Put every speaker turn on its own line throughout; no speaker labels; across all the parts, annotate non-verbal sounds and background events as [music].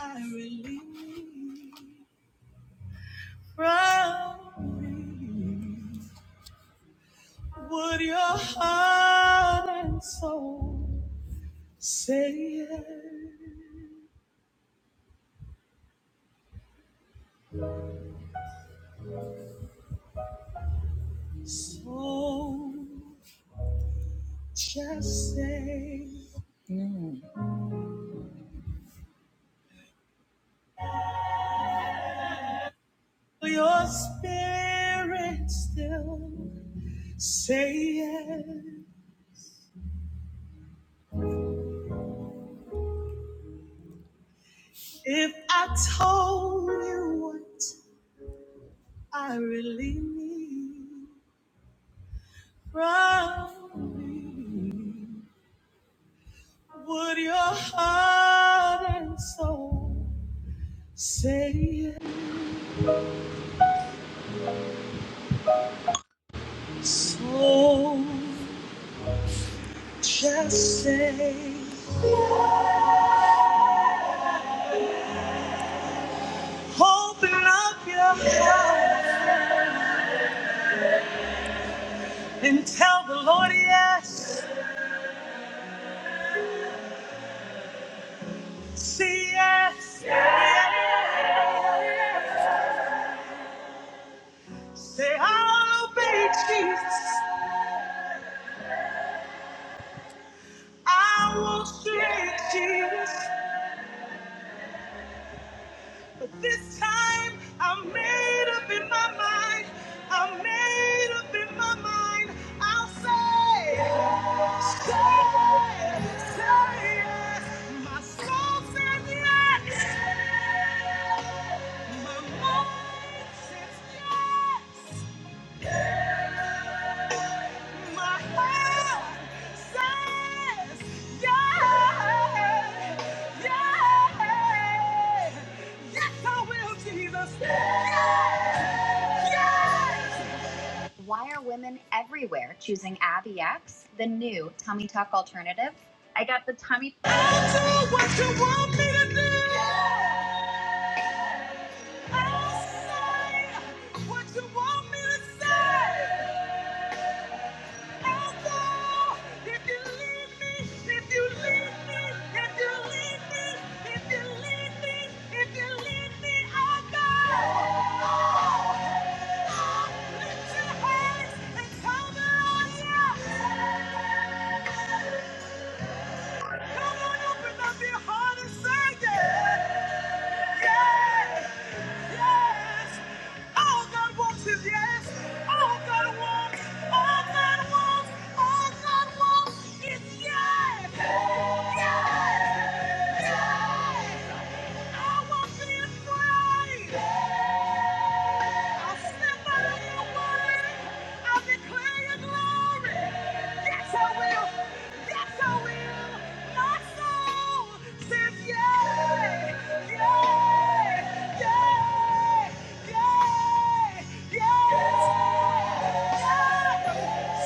I release from me what your heart and soul say yes. So just say Mm. your spirit still say yes. If I told you what I really need from me. Would your heart and soul say yes? So just say, open up your heart and tell the Lord yes. See yes. yes. Say, I'll obey Jesus. I will obey Jesus. But this time I'm made up in my mind. I'm made up in my mind. I'll say, say, say yes. My soul says yes. My mind says yes. My heart says yes, yes, yes, I will, Jesus. Yes, yes, I'll do what you want me to do. Yeah. I'll say what you want me to say. Yeah. [laughs] Come on, open up your heart and say yes. Yes. Yes. All God wants is yes. All God wants, all God wants, all God wants is yes. Yes. Yes. I won't be afraid. I'll stand by your word. I'll declare your glory. Yes, I will. Yes, I will. My soul says yay, yay, yay, yay, yay.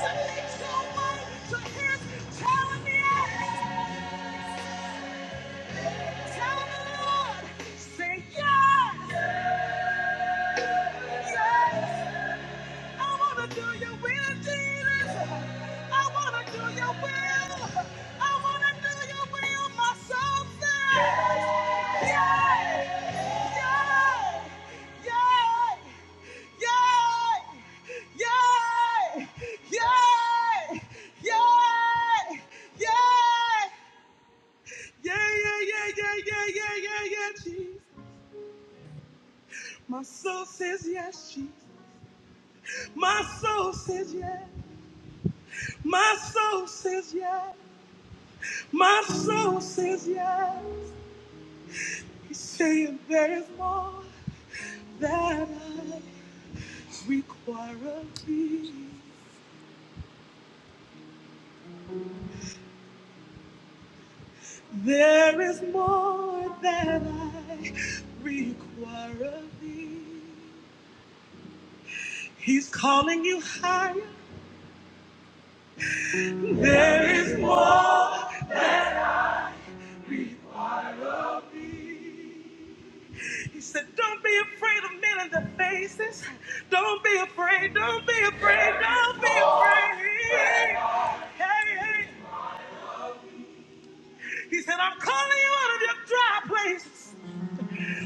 Something's going on. So here's telling me, telling the Lord, say yes, yes. I wanna do your will, Jesus. I wanna do your will. I wanna do your will, my soul says. Yay! Yay! Yay! Yay! Yay! Yay! Yay! Yeah, yeah, yeah, yeah, yeah, yeah, yeah, yeah, Jesus. My soul says yes, Jesus. My soul says yes. My soul says yes. My soul says yes. He's saying there is more that I require of thee. There is more that I require of thee. He's calling you higher. There is more that I require of thee. He said, Don't be afraid of men in the faces. Don't be afraid. Don't be afraid. Don't be afraid. Hey, hey. He said, I'm calling you out of your dry places.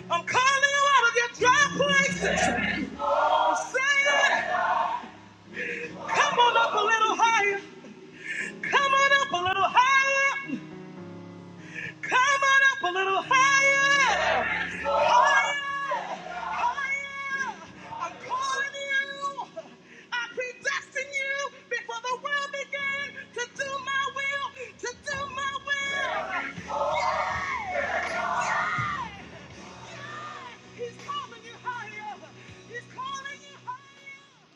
I'm calling you out of your dry places. I'm saying, Come on up a little higher. Come on up a little higher. Come on up a little higher. Higher. Higher. I'm calling you. I predestined you before the world began to do my will. To do my will. Hey, hey. He's calling you higher. He's calling you higher.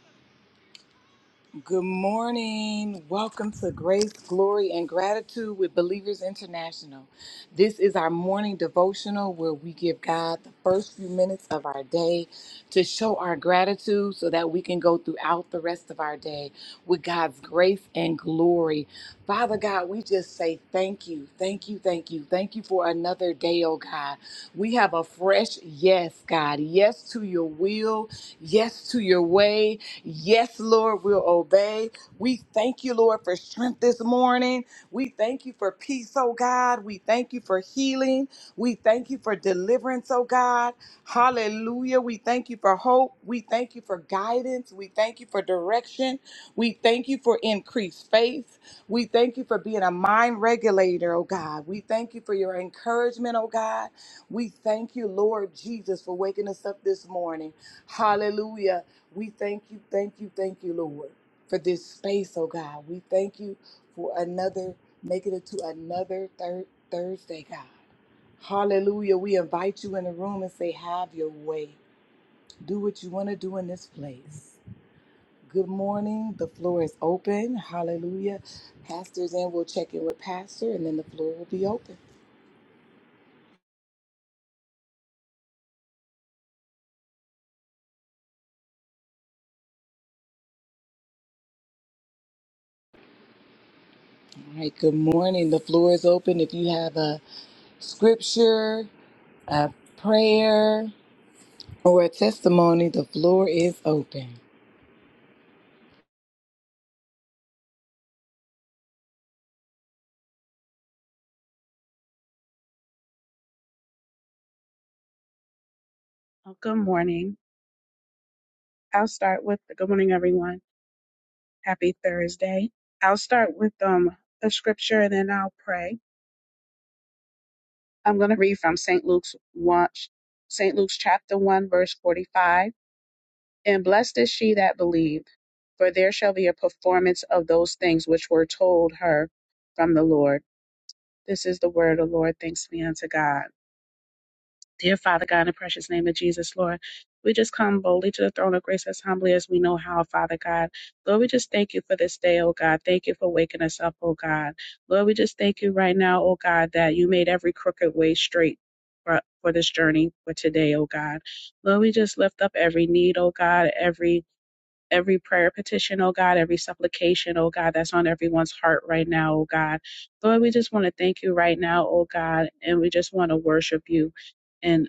Good morning. Welcome to Grace, Glory, and Gratitude with Believers International. This is our morning devotional where we give God the first few minutes of our day to show our gratitude so that we can go throughout the rest of our day with God's grace and glory. Father God, we just say thank you, thank you, thank you, thank you for another day, oh God. We have a fresh yes, God. Yes to your will, yes to your way. Yes, Lord, we'll obey. We thank you, Lord, for strength this morning. We thank you for peace, oh God. We thank you for healing. We thank you for deliverance, oh God. Hallelujah. We thank you for hope. We thank you for guidance. We thank you for direction. We thank you for increased faith. We thank you for being a mind regulator, oh God. We thank you for your encouragement, oh God. We thank you, Lord Jesus, for waking us up this morning. Hallelujah. We thank you, thank you, thank you, Lord, for this space, oh God. We thank you for another, making it to another third Thursday, God. Hallelujah. We invite you in the room and say, have your way. Do what you want to do in this place. Good morning. The floor is open. Hallelujah. Pastors in, we'll check in with Pastor, and then the floor will be open. All right. Good morning. The floor is open. If you have a scripture, a prayer, Or a testimony, the floor is open.
Oh, good morning. I'll start with good morning, everyone. Happy Thursday. I'll start with um a scripture and then I'll pray. I'm going to read from St. Luke's one, St. Luke's chapter one, verse forty-five. And blessed is she that believed, for there shall be a performance of those things which were told her from the Lord. This is the word of the Lord. Thanks be unto God. Dear Father God, in the precious name of Jesus, Lord, we just come boldly to the throne of grace as humbly as we know how, Father God. Lord, we just thank you for this day, oh God. Thank you for waking us up, oh God. Lord, we just thank you right now, oh God, that you made every crooked way straight. For for this journey for today, oh God. Lord, we just lift up every need, oh God, every every prayer petition, oh God, every supplication, oh God, that's on everyone's heart right now, oh God. Lord, we just want to thank you right now, oh God, and we just want to worship you and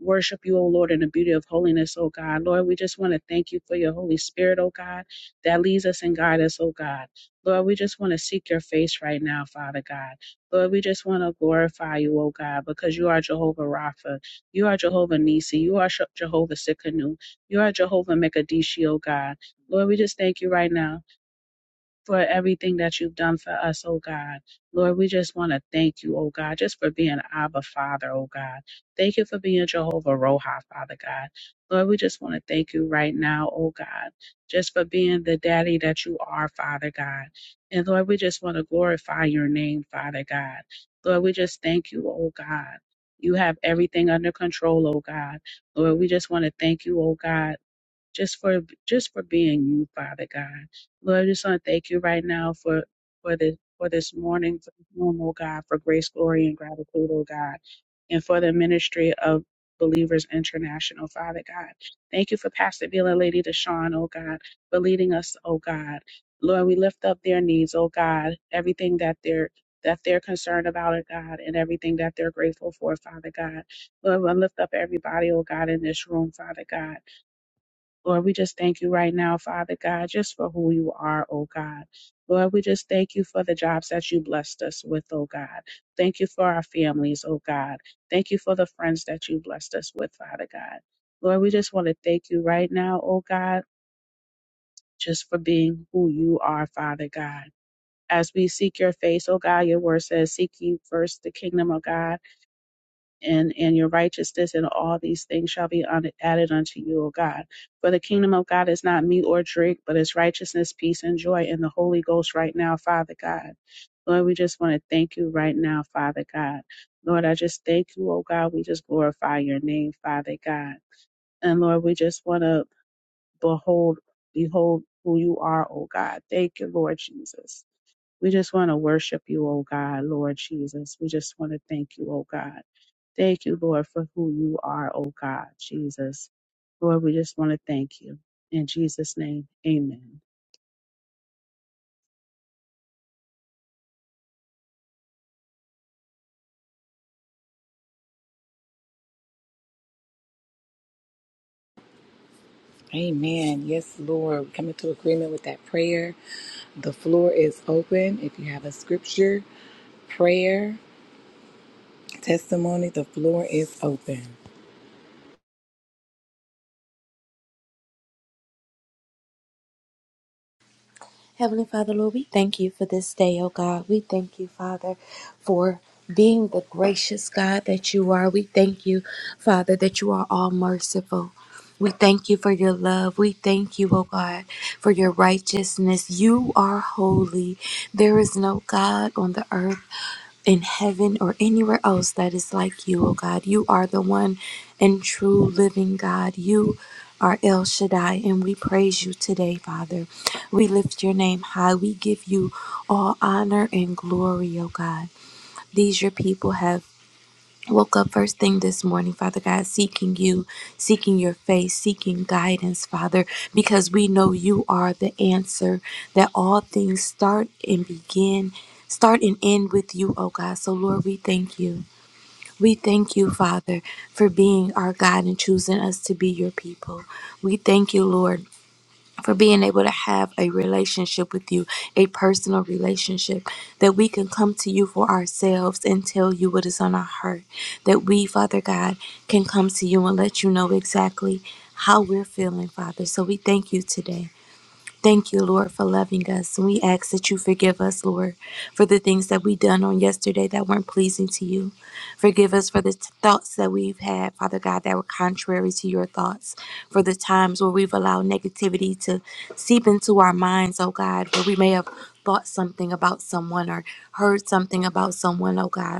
worship you, oh Lord, in the beauty of holiness, oh God. Lord, we just want to thank you for your Holy Spirit, oh God, that leads us and guides us, oh God. Lord, we just want to seek your face right now, Father God. Lord, we just want to glorify you, oh God, because you are Jehovah Rapha. You are Jehovah Nisi. You are Jehovah Sikkenu. You are Jehovah Mekadeshi, oh God. Lord, we just thank you right now for everything that you've done for us, oh God. Lord, we just want to thank you, oh God, just for being Abba Father, oh God. Thank you for being Jehovah Roha, Father God. Lord, we just want to thank you right now, oh God, just for being the daddy that you are, Father God. And Lord, we just want to glorify your name, Father God. Lord, we just thank you, oh God. You have everything under control, oh God. Lord, we just want to thank you, oh God just for just for being you, Father God. Lord, I just want to thank you right now for for the for this morning, for this room, oh God, for grace, glory, and gratitude, oh God, and for the ministry of Believers International, Father God. Thank you for Pastor Bill and Lady Deshawn, oh God, for leading us, oh God. Lord, we lift up their needs, oh God, everything that they're that they're concerned about, oh God, and everything that they're grateful for, Father God. Lord, we lift up everybody, oh God, in this room, Father God. Lord, we just thank you right now, Father God, just for who you are, oh God. Lord, we just thank you for the jobs that you blessed us with, oh God. Thank you for our families, oh God. Thank you for the friends that you blessed us with, Father God. Lord, we just want to thank you right now, oh God, just for being who you are, Father God. As we seek your face, oh God, your word says, seek you first the kingdom of God and, and your righteousness and all these things shall be un- added unto you, O God. For the kingdom of God is not meat or drink, but it's righteousness, peace, and joy in the Holy Ghost right now, Father God. Lord, we just want to thank you right now, Father God. Lord, I just thank you, oh God. We just glorify your name, Father God. And Lord, we just want to behold, behold who you are, oh God. Thank you, Lord Jesus. We just want to worship you, oh God, Lord Jesus. We just want to thank you, oh God. Thank you, Lord, for who you are, oh God, Jesus. Lord, we just want to thank you. In Jesus' name, amen.
Amen. Yes, Lord. We come into agreement with that prayer. The floor is open. If you have a scripture, prayer, testimony, the floor is open.
Heavenly Father, Lord, we thank you for this day, oh God. We thank you, Father, for being the gracious God that you are. We thank you, Father, that you are all merciful. We thank you for your love. We thank you, oh God, for your righteousness. You are holy. There is no God on the earth in heaven or anywhere else that is like you, oh God. You are the one and true living God. You are El Shaddai, and we praise you today, Father. We lift your name high. We give you all honor and glory, oh God. These your people have woke up first thing this morning, Father God, seeking you, seeking your face, seeking guidance, Father, because we know you are the answer, that all things start and begin, start and end with you, oh God. So, Lord, we thank you. We thank you, Father, for being our God and choosing us to be your people. We thank you, Lord for being able to have a relationship with you, a personal relationship, that we can come to you for ourselves and tell you what is on our heart, that we, Father God, can come to you and let you know exactly how we're feeling, Father. So we thank you today. Thank you, Lord, for loving us. And we ask that you forgive us, Lord, for the things that we done on yesterday that weren't pleasing to you. Forgive us for the t- thoughts that we've had, Father God, that were contrary to your thoughts. For the times where we've allowed negativity to seep into our minds, oh God, where we may have thought something about someone or heard something about someone, oh God.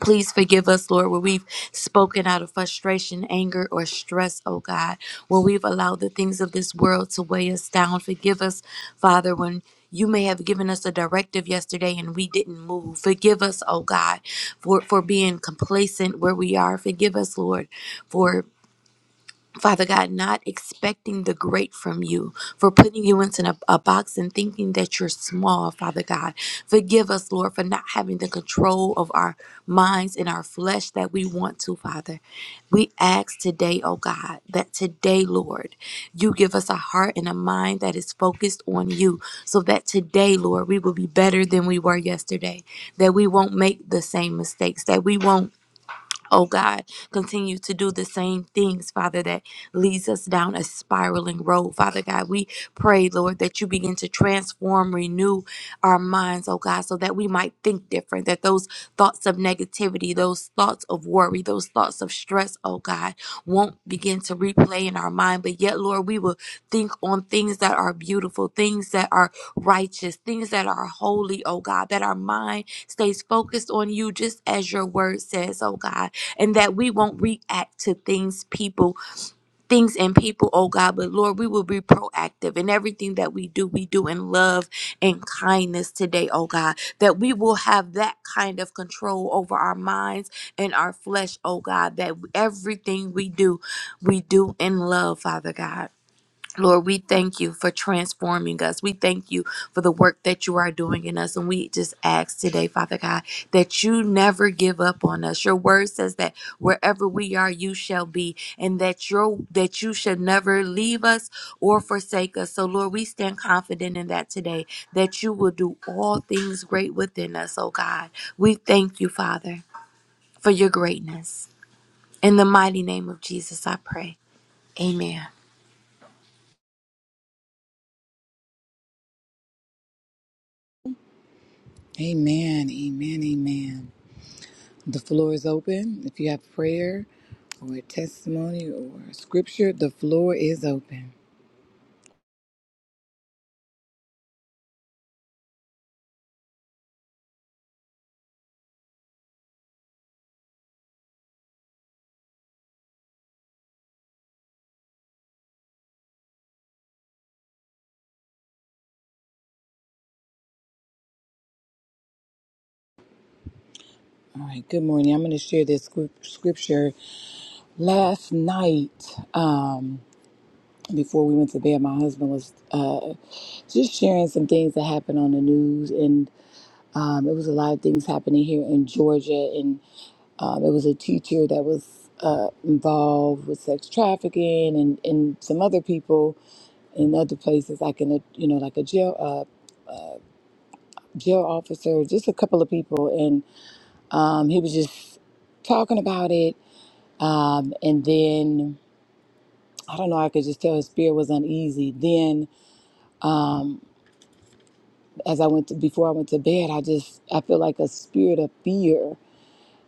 Please forgive us, Lord, where we've spoken out of frustration, anger, or stress, oh God, where we've allowed the things of this world to weigh us down. Forgive us, Father, when you may have given us a directive yesterday and we didn't move. Forgive us, oh God, for, for being complacent where we are. Forgive us, Lord, for Father God, not expecting the great from you, for putting you into a, a box and thinking that you're small, Father God. Forgive us, Lord, for not having the control of our minds and our flesh that we want to, Father. We ask today, oh God, that today, Lord, you give us a heart and a mind that is focused on you, so that today, Lord, we will be better than we were yesterday, that we won't make the same mistakes, that we won't Oh God, continue to do the same things, Father, that leads us down a spiraling road. Father God, we pray, Lord, that you begin to transform, renew our minds, oh God, so that we might think different, that those thoughts of negativity, those thoughts of worry, those thoughts of stress, oh God, won't begin to replay in our mind. But yet, Lord, we will think on things that are beautiful, things that are righteous, things that are holy, oh God, that our mind stays focused on you just as your word says, oh God and that we won't react to things, people, things, and people, oh God, but Lord, we will be proactive in everything that we do. We do in love and kindness today, oh God, that we will have that kind of control over our minds and our flesh, oh God, that everything we do, we do in love, Father God. Lord, we thank you for transforming us. We thank you for the work that you are doing in us. And we just ask today, Father God, that you never give up on us. Your word says that wherever we are, you shall be, and that your that you should never leave us or forsake us. So Lord, we stand confident in that today, that you will do all things great within us, oh God. We thank you, Father, for your greatness. In the mighty name of Jesus, I pray. Amen.
Amen. Amen. Amen. The floor is open. If you have prayer or a testimony or a scripture, the floor is open. All right. Good morning. I'm going to share this scrip- scripture. Last night, um, before we went to bed, my husband was uh, just sharing some things that happened on the news, and um, it was a lot of things happening here in Georgia. And um, it was a teacher that was uh, involved with sex trafficking, and, and some other people in other places, like in a you know like a jail uh, jail officer, just a couple of people, and um, he was just talking about it, um, and then. I don't know. I could just tell his spirit was uneasy. Then Um, as I went to, before I went to bed, I just I feel like a spirit of fear,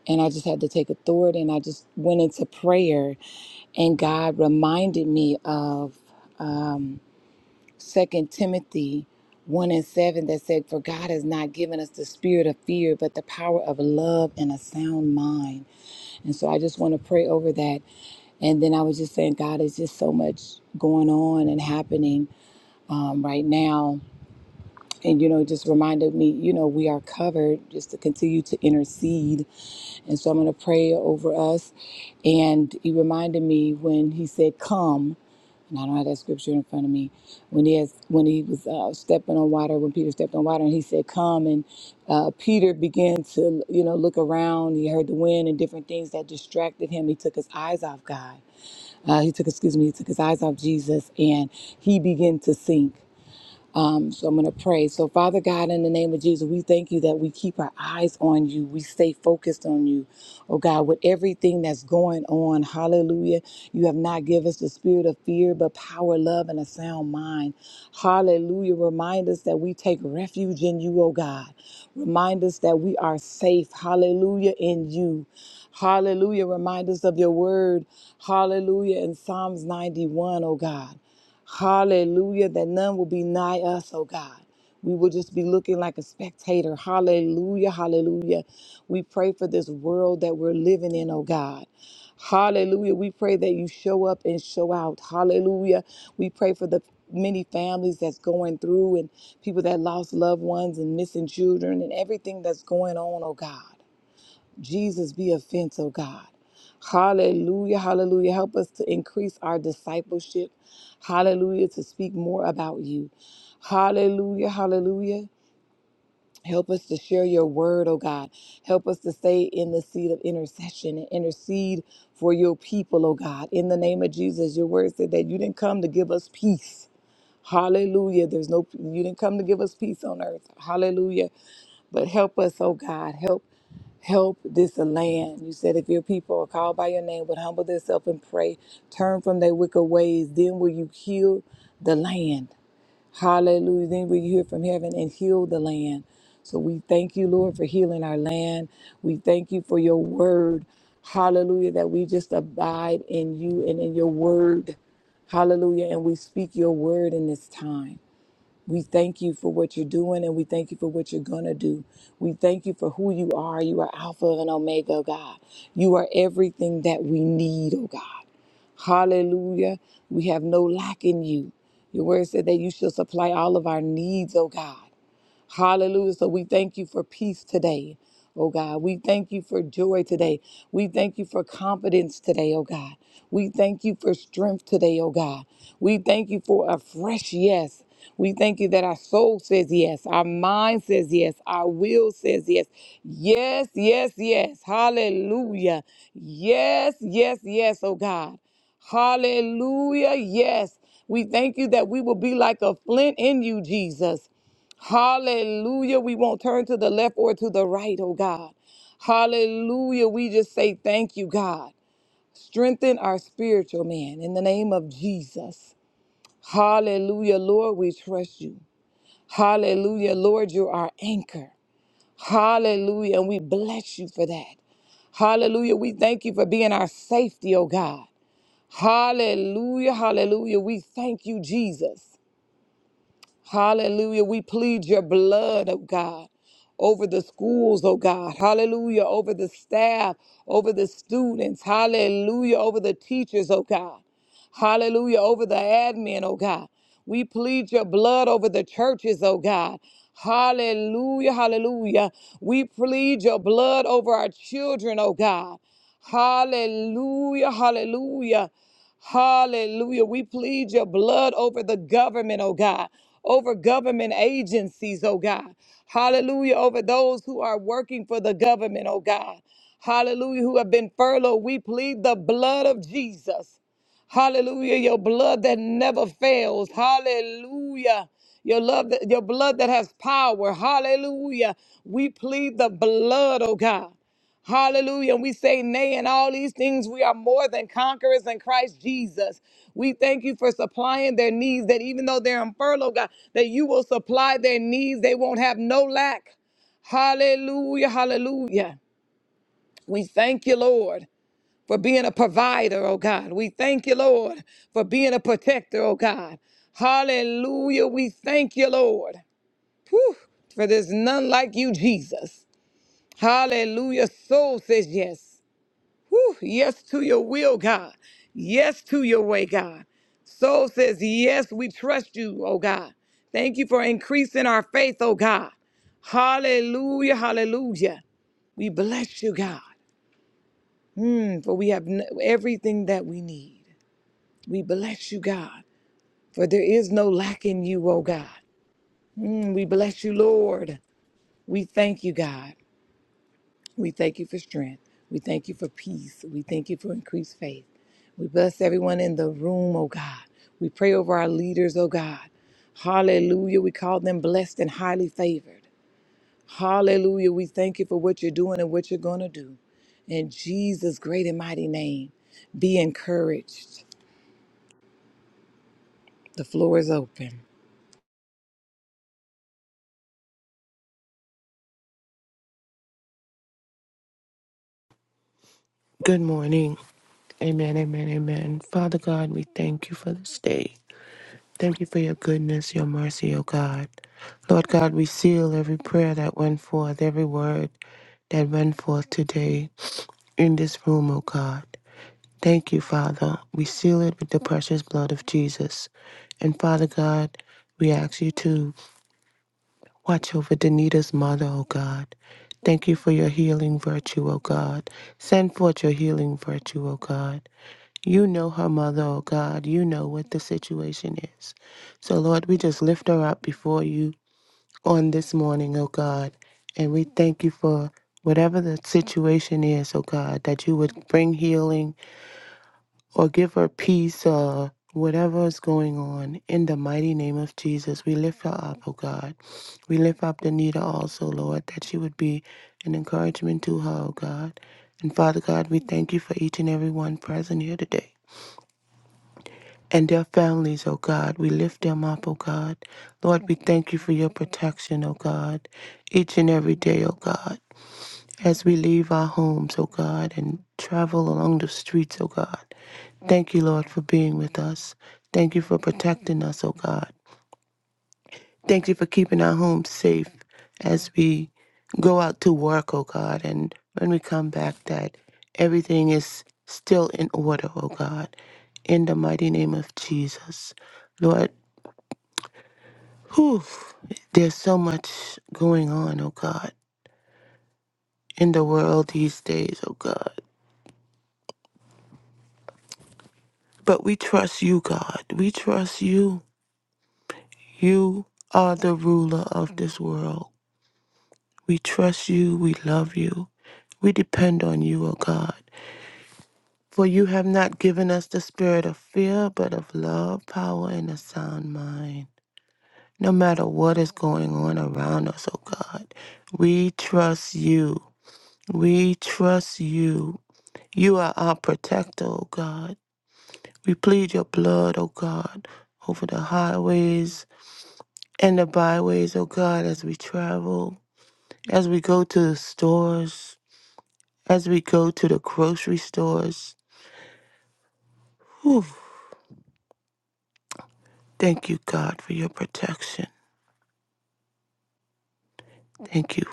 and I just had to take authority, and I just went into prayer, and God reminded me of um, Second Timothy one and seven that said, "For God has not given us the spirit of fear, but the power of love and a sound mind." And so I just want to pray over that. And then I was just saying, God, is just so much going on and happening um, right now and you know it just reminded me you know we are covered just to continue to intercede and so i'm going to pray over us and he reminded me when he said come and i don't have that scripture in front of me when he has when he was uh, stepping on water when peter stepped on water and he said come and uh, peter began to you know look around he heard the wind and different things that distracted him he took his eyes off god uh, he took excuse me he took his eyes off jesus and he began to sink um, so I'm going to pray. So, Father God, in the name of Jesus, we thank you that we keep our eyes on you. We stay focused on you. Oh God, with everything that's going on, hallelujah. You have not given us the spirit of fear, but power, love, and a sound mind. Hallelujah. Remind us that we take refuge in you, oh God. Remind us that we are safe, hallelujah, in you. Hallelujah. Remind us of your word, hallelujah, in Psalms 91, O God. Hallelujah, that none will be nigh us, oh God. We will just be looking like a spectator. Hallelujah, hallelujah. We pray for this world that we're living in, oh God. Hallelujah. We pray that you show up and show out. Hallelujah. We pray for the many families that's going through and people that lost loved ones and missing children and everything that's going on, oh God. Jesus be a fence, oh God. Hallelujah, hallelujah. Help us to increase our discipleship. Hallelujah, to speak more about you. Hallelujah, hallelujah. Help us to share your word, oh God. Help us to stay in the seat of intercession and intercede for your people, oh God. In the name of Jesus, your word said that you didn't come to give us peace. Hallelujah. There's no you didn't come to give us peace on earth. Hallelujah. But help us, oh God, help help this land. You said if your people are called by your name would humble themselves and pray, turn from their wicked ways, then will you heal the land. Hallelujah. Then will you hear from heaven and heal the land. So we thank you, Lord, for healing our land. We thank you for your word. Hallelujah. That we just abide in you and in your word. Hallelujah. And we speak your word in this time. We thank you for what you're doing and we thank you for what you're going to do. We thank you for who you are. You are Alpha and Omega, oh God. You are everything that we need, oh God. Hallelujah. We have no lack in you. Your word said that you shall supply all of our needs, oh God. Hallelujah. So we thank you for peace today. Oh God, we thank you for joy today. We thank you for confidence today, oh God. We thank you for strength today, oh God. We thank you for a fresh yes. We thank you that our soul says yes, our mind says yes, our will says yes. Yes, yes, yes. Hallelujah. Yes, yes, yes, oh God. Hallelujah. Yes. We thank you that we will be like a flint in you, Jesus. Hallelujah. We won't turn to the left or to the right, oh God. Hallelujah. We just say thank you, God. Strengthen our spiritual man in the name of Jesus. Hallelujah. Lord, we trust you. Hallelujah. Lord, you're our anchor. Hallelujah. And we bless you for that. Hallelujah. We thank you for being our safety, oh God. Hallelujah. Hallelujah. We thank you, Jesus. Hallelujah. We plead your blood, oh God, over the schools, oh God. Hallelujah. Over the staff, over the students. Hallelujah. Over the teachers, oh God. Hallelujah. Over the admin, oh God. We plead your blood over the churches, oh God. Hallelujah. Hallelujah. We plead your blood over our children, oh God. Hallelujah. Hallelujah. Hallelujah. We plead your blood over the government, oh God, over government agencies, oh God. Hallelujah. Over those who are working for the government, oh God. Hallelujah. Who have been furloughed. We plead the blood of Jesus. Hallelujah. Your blood that never fails. Hallelujah. Your love that, your blood that has power. Hallelujah. We plead the blood, oh God. Hallelujah. And we say, Nay, in all these things, we are more than conquerors in Christ Jesus. We thank you for supplying their needs, that even though they're in furlough, God, that you will supply their needs. They won't have no lack. Hallelujah. Hallelujah. We thank you, Lord for being a provider, oh God. We thank you, Lord, for being a protector, oh God. Hallelujah. We thank you, Lord. Whew, for there's none like you, Jesus. Hallelujah. Soul says yes. Whew, yes to your will, God. Yes to your way, God. Soul says yes. We trust you, oh God. Thank you for increasing our faith, oh God. Hallelujah. Hallelujah. We bless you, God, mm, for we have n- everything that we need. We bless you, God, for there is no lack in you, oh God. Mm, we bless you, Lord. We thank you, God. We thank you for strength. We thank you for peace. We thank you for increased faith. We bless everyone in the room, oh God. We pray over our leaders, oh God. Hallelujah. We call them blessed and highly favored. Hallelujah. We thank you for what you're doing and what you're going to do. In Jesus' great and mighty name, be encouraged. The floor is open.
Good morning. Amen, amen, amen. Father God, we thank you for this day. Thank you for your goodness, your mercy, O God. Lord God, we seal every prayer that went forth, every word that went forth today in this room, O God. Thank you, Father. We seal it with the precious blood of Jesus. And Father God, we ask you to watch over Danita's mother, O God. Thank you for your healing virtue, O God. Send forth your healing virtue, O God. You know her mother, oh God. You know what the situation is. So, Lord, we just lift her up before you on this morning, oh God. And we thank you for whatever the situation is, oh God, that you would bring healing or give her peace or whatever is going on. In the mighty name of Jesus, we lift her up, oh God. We lift up Danita also, Lord, that she would be an encouragement to her, oh God. And Father God, we thank you for each and every one present here today. and their families, oh God. We lift them up, oh God. Lord, we thank you for your protection, oh God, each and every day, oh God. As we leave our homes, oh God, and travel along the streets, oh God. Thank you, Lord, for being with us. Thank you for protecting us, oh God. Thank you for keeping our homes safe as we go out to work, oh God, and when we come back, that everything is still in order, oh God, in the mighty name of Jesus. Lord, whew, there's so much going on, oh God, in the world these days, oh God. But we trust you, God. We trust you. You are the ruler of this world. We trust you. We love you. We depend on you, oh God. For you have not given us the spirit of fear, but of love, power, and a sound mind. No matter what is going on around us, oh God, we trust you. We trust you. You are our protector, oh God. We plead your blood, oh God, over the highways and the byways, oh God, as we travel, as we go to the stores, as we go to the grocery stores. Whew. Thank you, God, for your protection. Thank you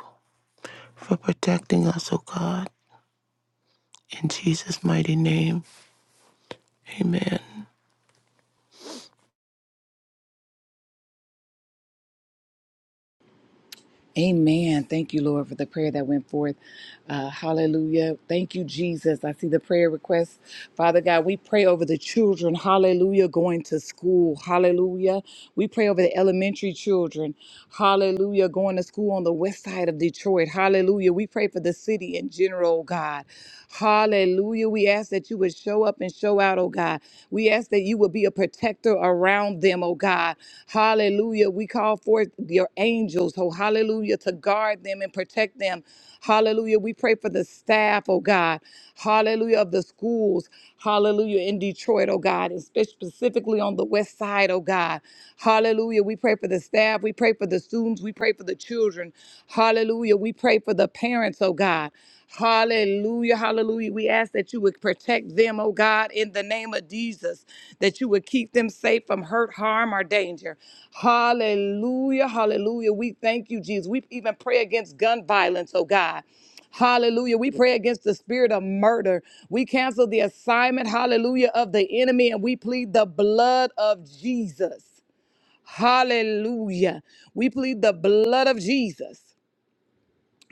for protecting us, oh God. In Jesus' mighty name, amen.
Amen. Thank you, Lord, for the prayer that went forth. Uh, hallelujah. Thank you, Jesus. I see the prayer request. Father God, we pray over the children. Hallelujah. Going to school. Hallelujah. We pray over the elementary children. Hallelujah. Going to school on the west side of Detroit. Hallelujah. We pray for the city in general, oh God. Hallelujah. We ask that you would show up and show out, oh God. We ask that ask that you would be a protector around them, oh God. Hallelujah. We call forth your angels, oh hallelujah, to guard them and protect them. Hallelujah. We pray for the staff, oh God. Hallelujah. Of the schools, hallelujah, in Detroit, oh God, and spe- specifically on the west side, oh God. Hallelujah. We pray for the staff. We pray for the students. We pray for the children. Hallelujah. We pray for the parents, oh God. Hallelujah, hallelujah. We ask that you would protect them, oh God, in the name of Jesus, that you would keep them safe from hurt, harm, or danger. Hallelujah, hallelujah. We thank you, Jesus. We even pray against gun violence, oh God. Hallelujah. We pray against the spirit of murder. We cancel the assignment, hallelujah, of the enemy, and we plead the blood of Jesus. Hallelujah. We plead the blood of Jesus.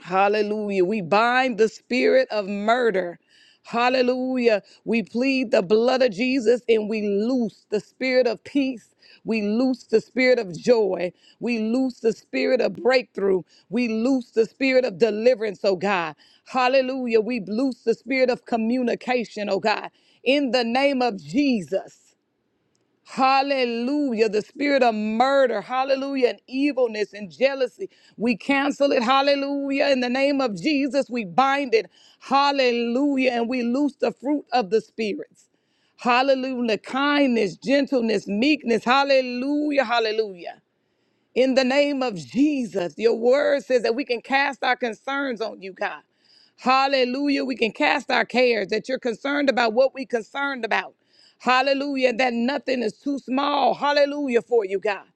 Hallelujah. We bind the spirit of murder. Hallelujah. We plead the blood of Jesus and we loose the spirit of peace. We loose the spirit of joy. We loose the spirit of breakthrough. We loose the spirit of deliverance, oh God. Hallelujah. We loose the spirit of communication, oh God. In the name of Jesus. Hallelujah. The spirit of murder, hallelujah, and evilness and jealousy. We cancel it, hallelujah. In the name of Jesus, we bind it, hallelujah, and we loose the fruit of the spirits. Hallelujah. Kindness, gentleness, meekness, hallelujah, hallelujah. In the name of Jesus, your word says that we can cast our concerns on you, God. Hallelujah. We can cast our cares that you're concerned about what we concerned about. Hallelujah. That nothing is too small. Hallelujah for you, God.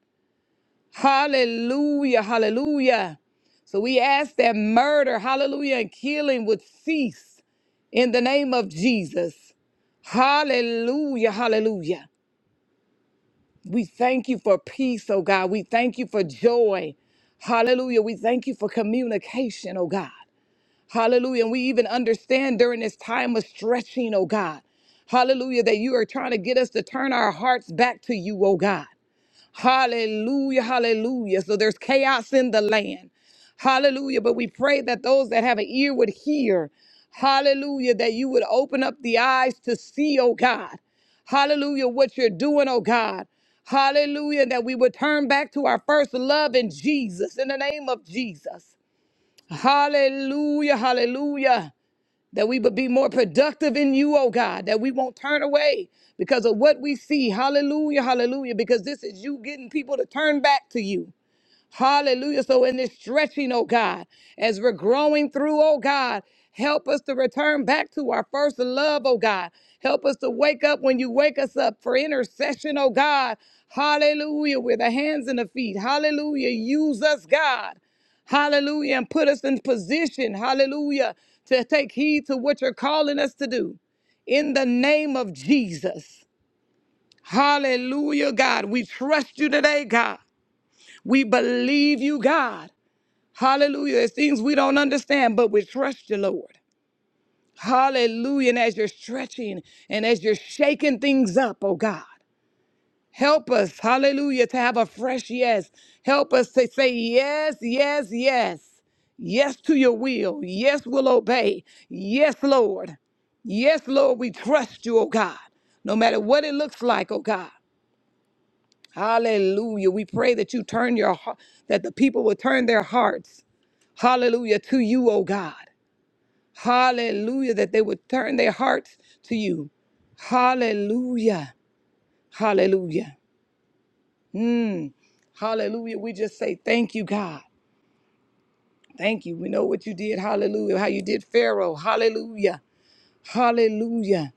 Hallelujah. Hallelujah. So we ask that murder, hallelujah, and killing would cease in the name of Jesus. Hallelujah. Hallelujah. We thank you for peace, oh God. We thank you for joy. Hallelujah. We thank you for communication, oh God. Hallelujah. And we even understand during this time of stretching, oh God. Hallelujah, that you are trying to get us to turn our hearts back to you, oh God. Hallelujah, hallelujah. So there's chaos in the land. Hallelujah. But we pray that those that have an ear would hear. Hallelujah. That you would open up the eyes to see, oh God. Hallelujah. What you're doing, oh God. Hallelujah. That we would turn back to our first love in Jesus, in the name of Jesus. Hallelujah. Hallelujah that we would be more productive in you, oh God, that we won't turn away because of what we see. Hallelujah, hallelujah, because this is you getting people to turn back to you. Hallelujah. So in this stretching, oh God, as we're growing through, oh God, help us to return back to our first love, oh God. Help us to wake up when you wake us up for intercession, oh God. Hallelujah. With the hands and the feet. Hallelujah. Use us, God. Hallelujah. And put us in position, hallelujah, to take heed to what you're calling us to do. In the name of Jesus. Hallelujah, God. We trust you today, God. We believe you, God. Hallelujah. It's things we don't understand, but we trust you, Lord. Hallelujah. And as you're stretching and as you're shaking things up, oh God, help us, hallelujah, to have a fresh yes. Help us to say yes, yes, yes. Yes to your will. Yes, we'll obey. Yes, Lord. Yes, Lord, we trust you, oh God, no matter what it looks like, oh God. Hallelujah. We pray that you turn your heart, that the people will turn their hearts, hallelujah, to you, oh God. Hallelujah. That they would turn their hearts to you. Hallelujah. Hallelujah. Mm. Hallelujah. We just say thank you, God. Thank you. We know what you did. Hallelujah. How you did Pharaoh. Hallelujah. Hallelujah.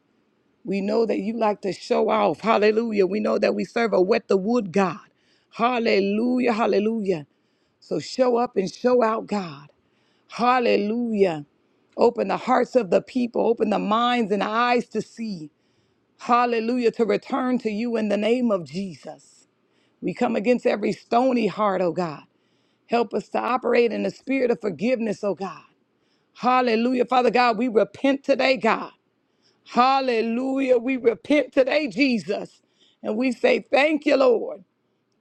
We know that you like to show off. Hallelujah. We know that we serve a wet the wood God. Hallelujah. Hallelujah. So show up and show out, God. Hallelujah. Open the hearts of the people, open the minds and eyes to see. Hallelujah, to return to you in the name of Jesus. We come against every stony heart, oh God. Help us to operate in the spirit of forgiveness, oh God. Hallelujah. Father God, we repent today, God. Hallelujah. We repent today, Jesus. And we say, Thank you, Lord.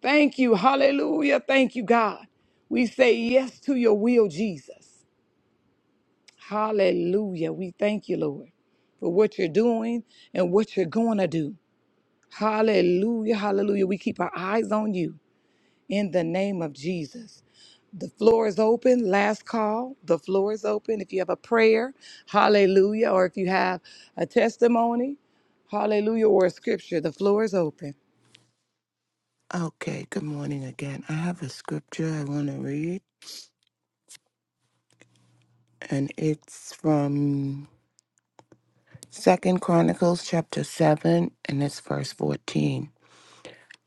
Thank you. Hallelujah. Thank you, God. We say yes to your will, Jesus. Hallelujah. We thank you, Lord, for what you're doing and what you're going to do. Hallelujah, hallelujah. We keep our eyes on you in the name of Jesus. The floor is open. Last call. The floor is open. If you have a prayer, hallelujah, or if you have a testimony, hallelujah, or a scripture, the floor is open.
Okay, good morning again. I have a scripture I want to read, and it's from Second Chronicles chapter 7, and it's verse 14.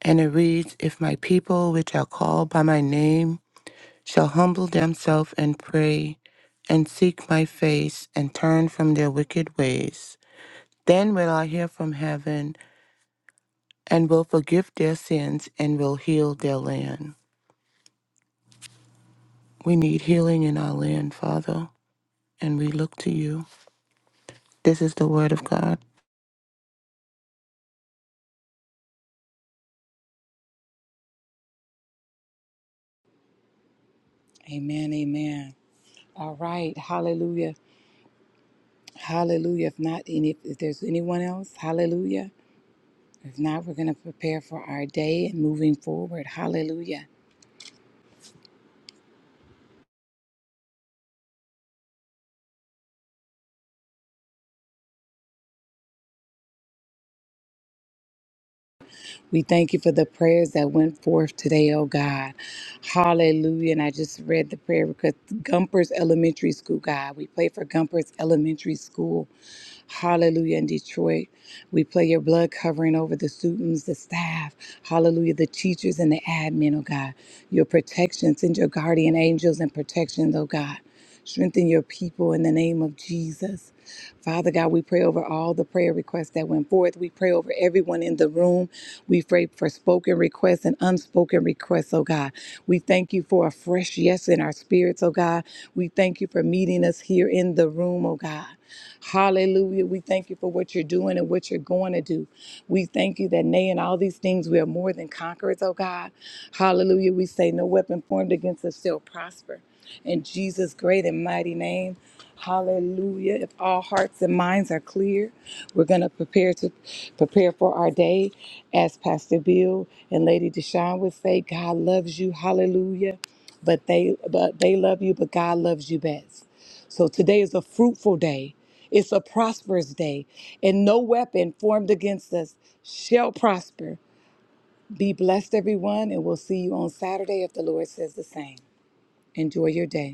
And it reads, If my people, which are called by my name, shall humble themselves and pray, and seek my face, and turn from their wicked ways, then will I hear from heaven and will forgive their sins and will heal their land. We need healing in our land, Father, and we look to you. This is the word of God.
Amen, amen. All right, hallelujah, hallelujah. If not, any, if there's anyone else, hallelujah. If not, we're going to prepare for our day and moving forward. Hallelujah. We thank you for the prayers that went forth today, oh God. Hallelujah. And I just read the prayer because Gumpers Elementary School, God, we pray for Gumpers Elementary School. Hallelujah. In Detroit, we play your blood covering over the students, the staff. Hallelujah. The teachers and the admin, oh God. Your protection. Send your guardian angels and protection, oh God. Strengthen your people in the name of Jesus. Father God, we pray over all the prayer requests that went forth. We pray over everyone in the room. We pray for spoken requests and unspoken requests, oh God. We thank you for a fresh yes in our spirits, oh God. We thank you for meeting us here in the room, oh God. Hallelujah. We thank you for what you're doing and what you're going to do. We thank you that, nay, in all these things, we are more than conquerors, oh God. Hallelujah. We say, no weapon formed against us shall prosper. In Jesus' great and mighty name, hallelujah. If all hearts and minds are clear, we're going to prepare to prepare for our day. As Pastor Bill and Lady Deshawn would say, God loves you, hallelujah. But they but they love you, but God loves you best. So today is a fruitful day. It's a prosperous day, and no weapon formed against us shall prosper. Be blessed, everyone, and we'll see you on Saturday if the Lord says the same. Enjoy your day.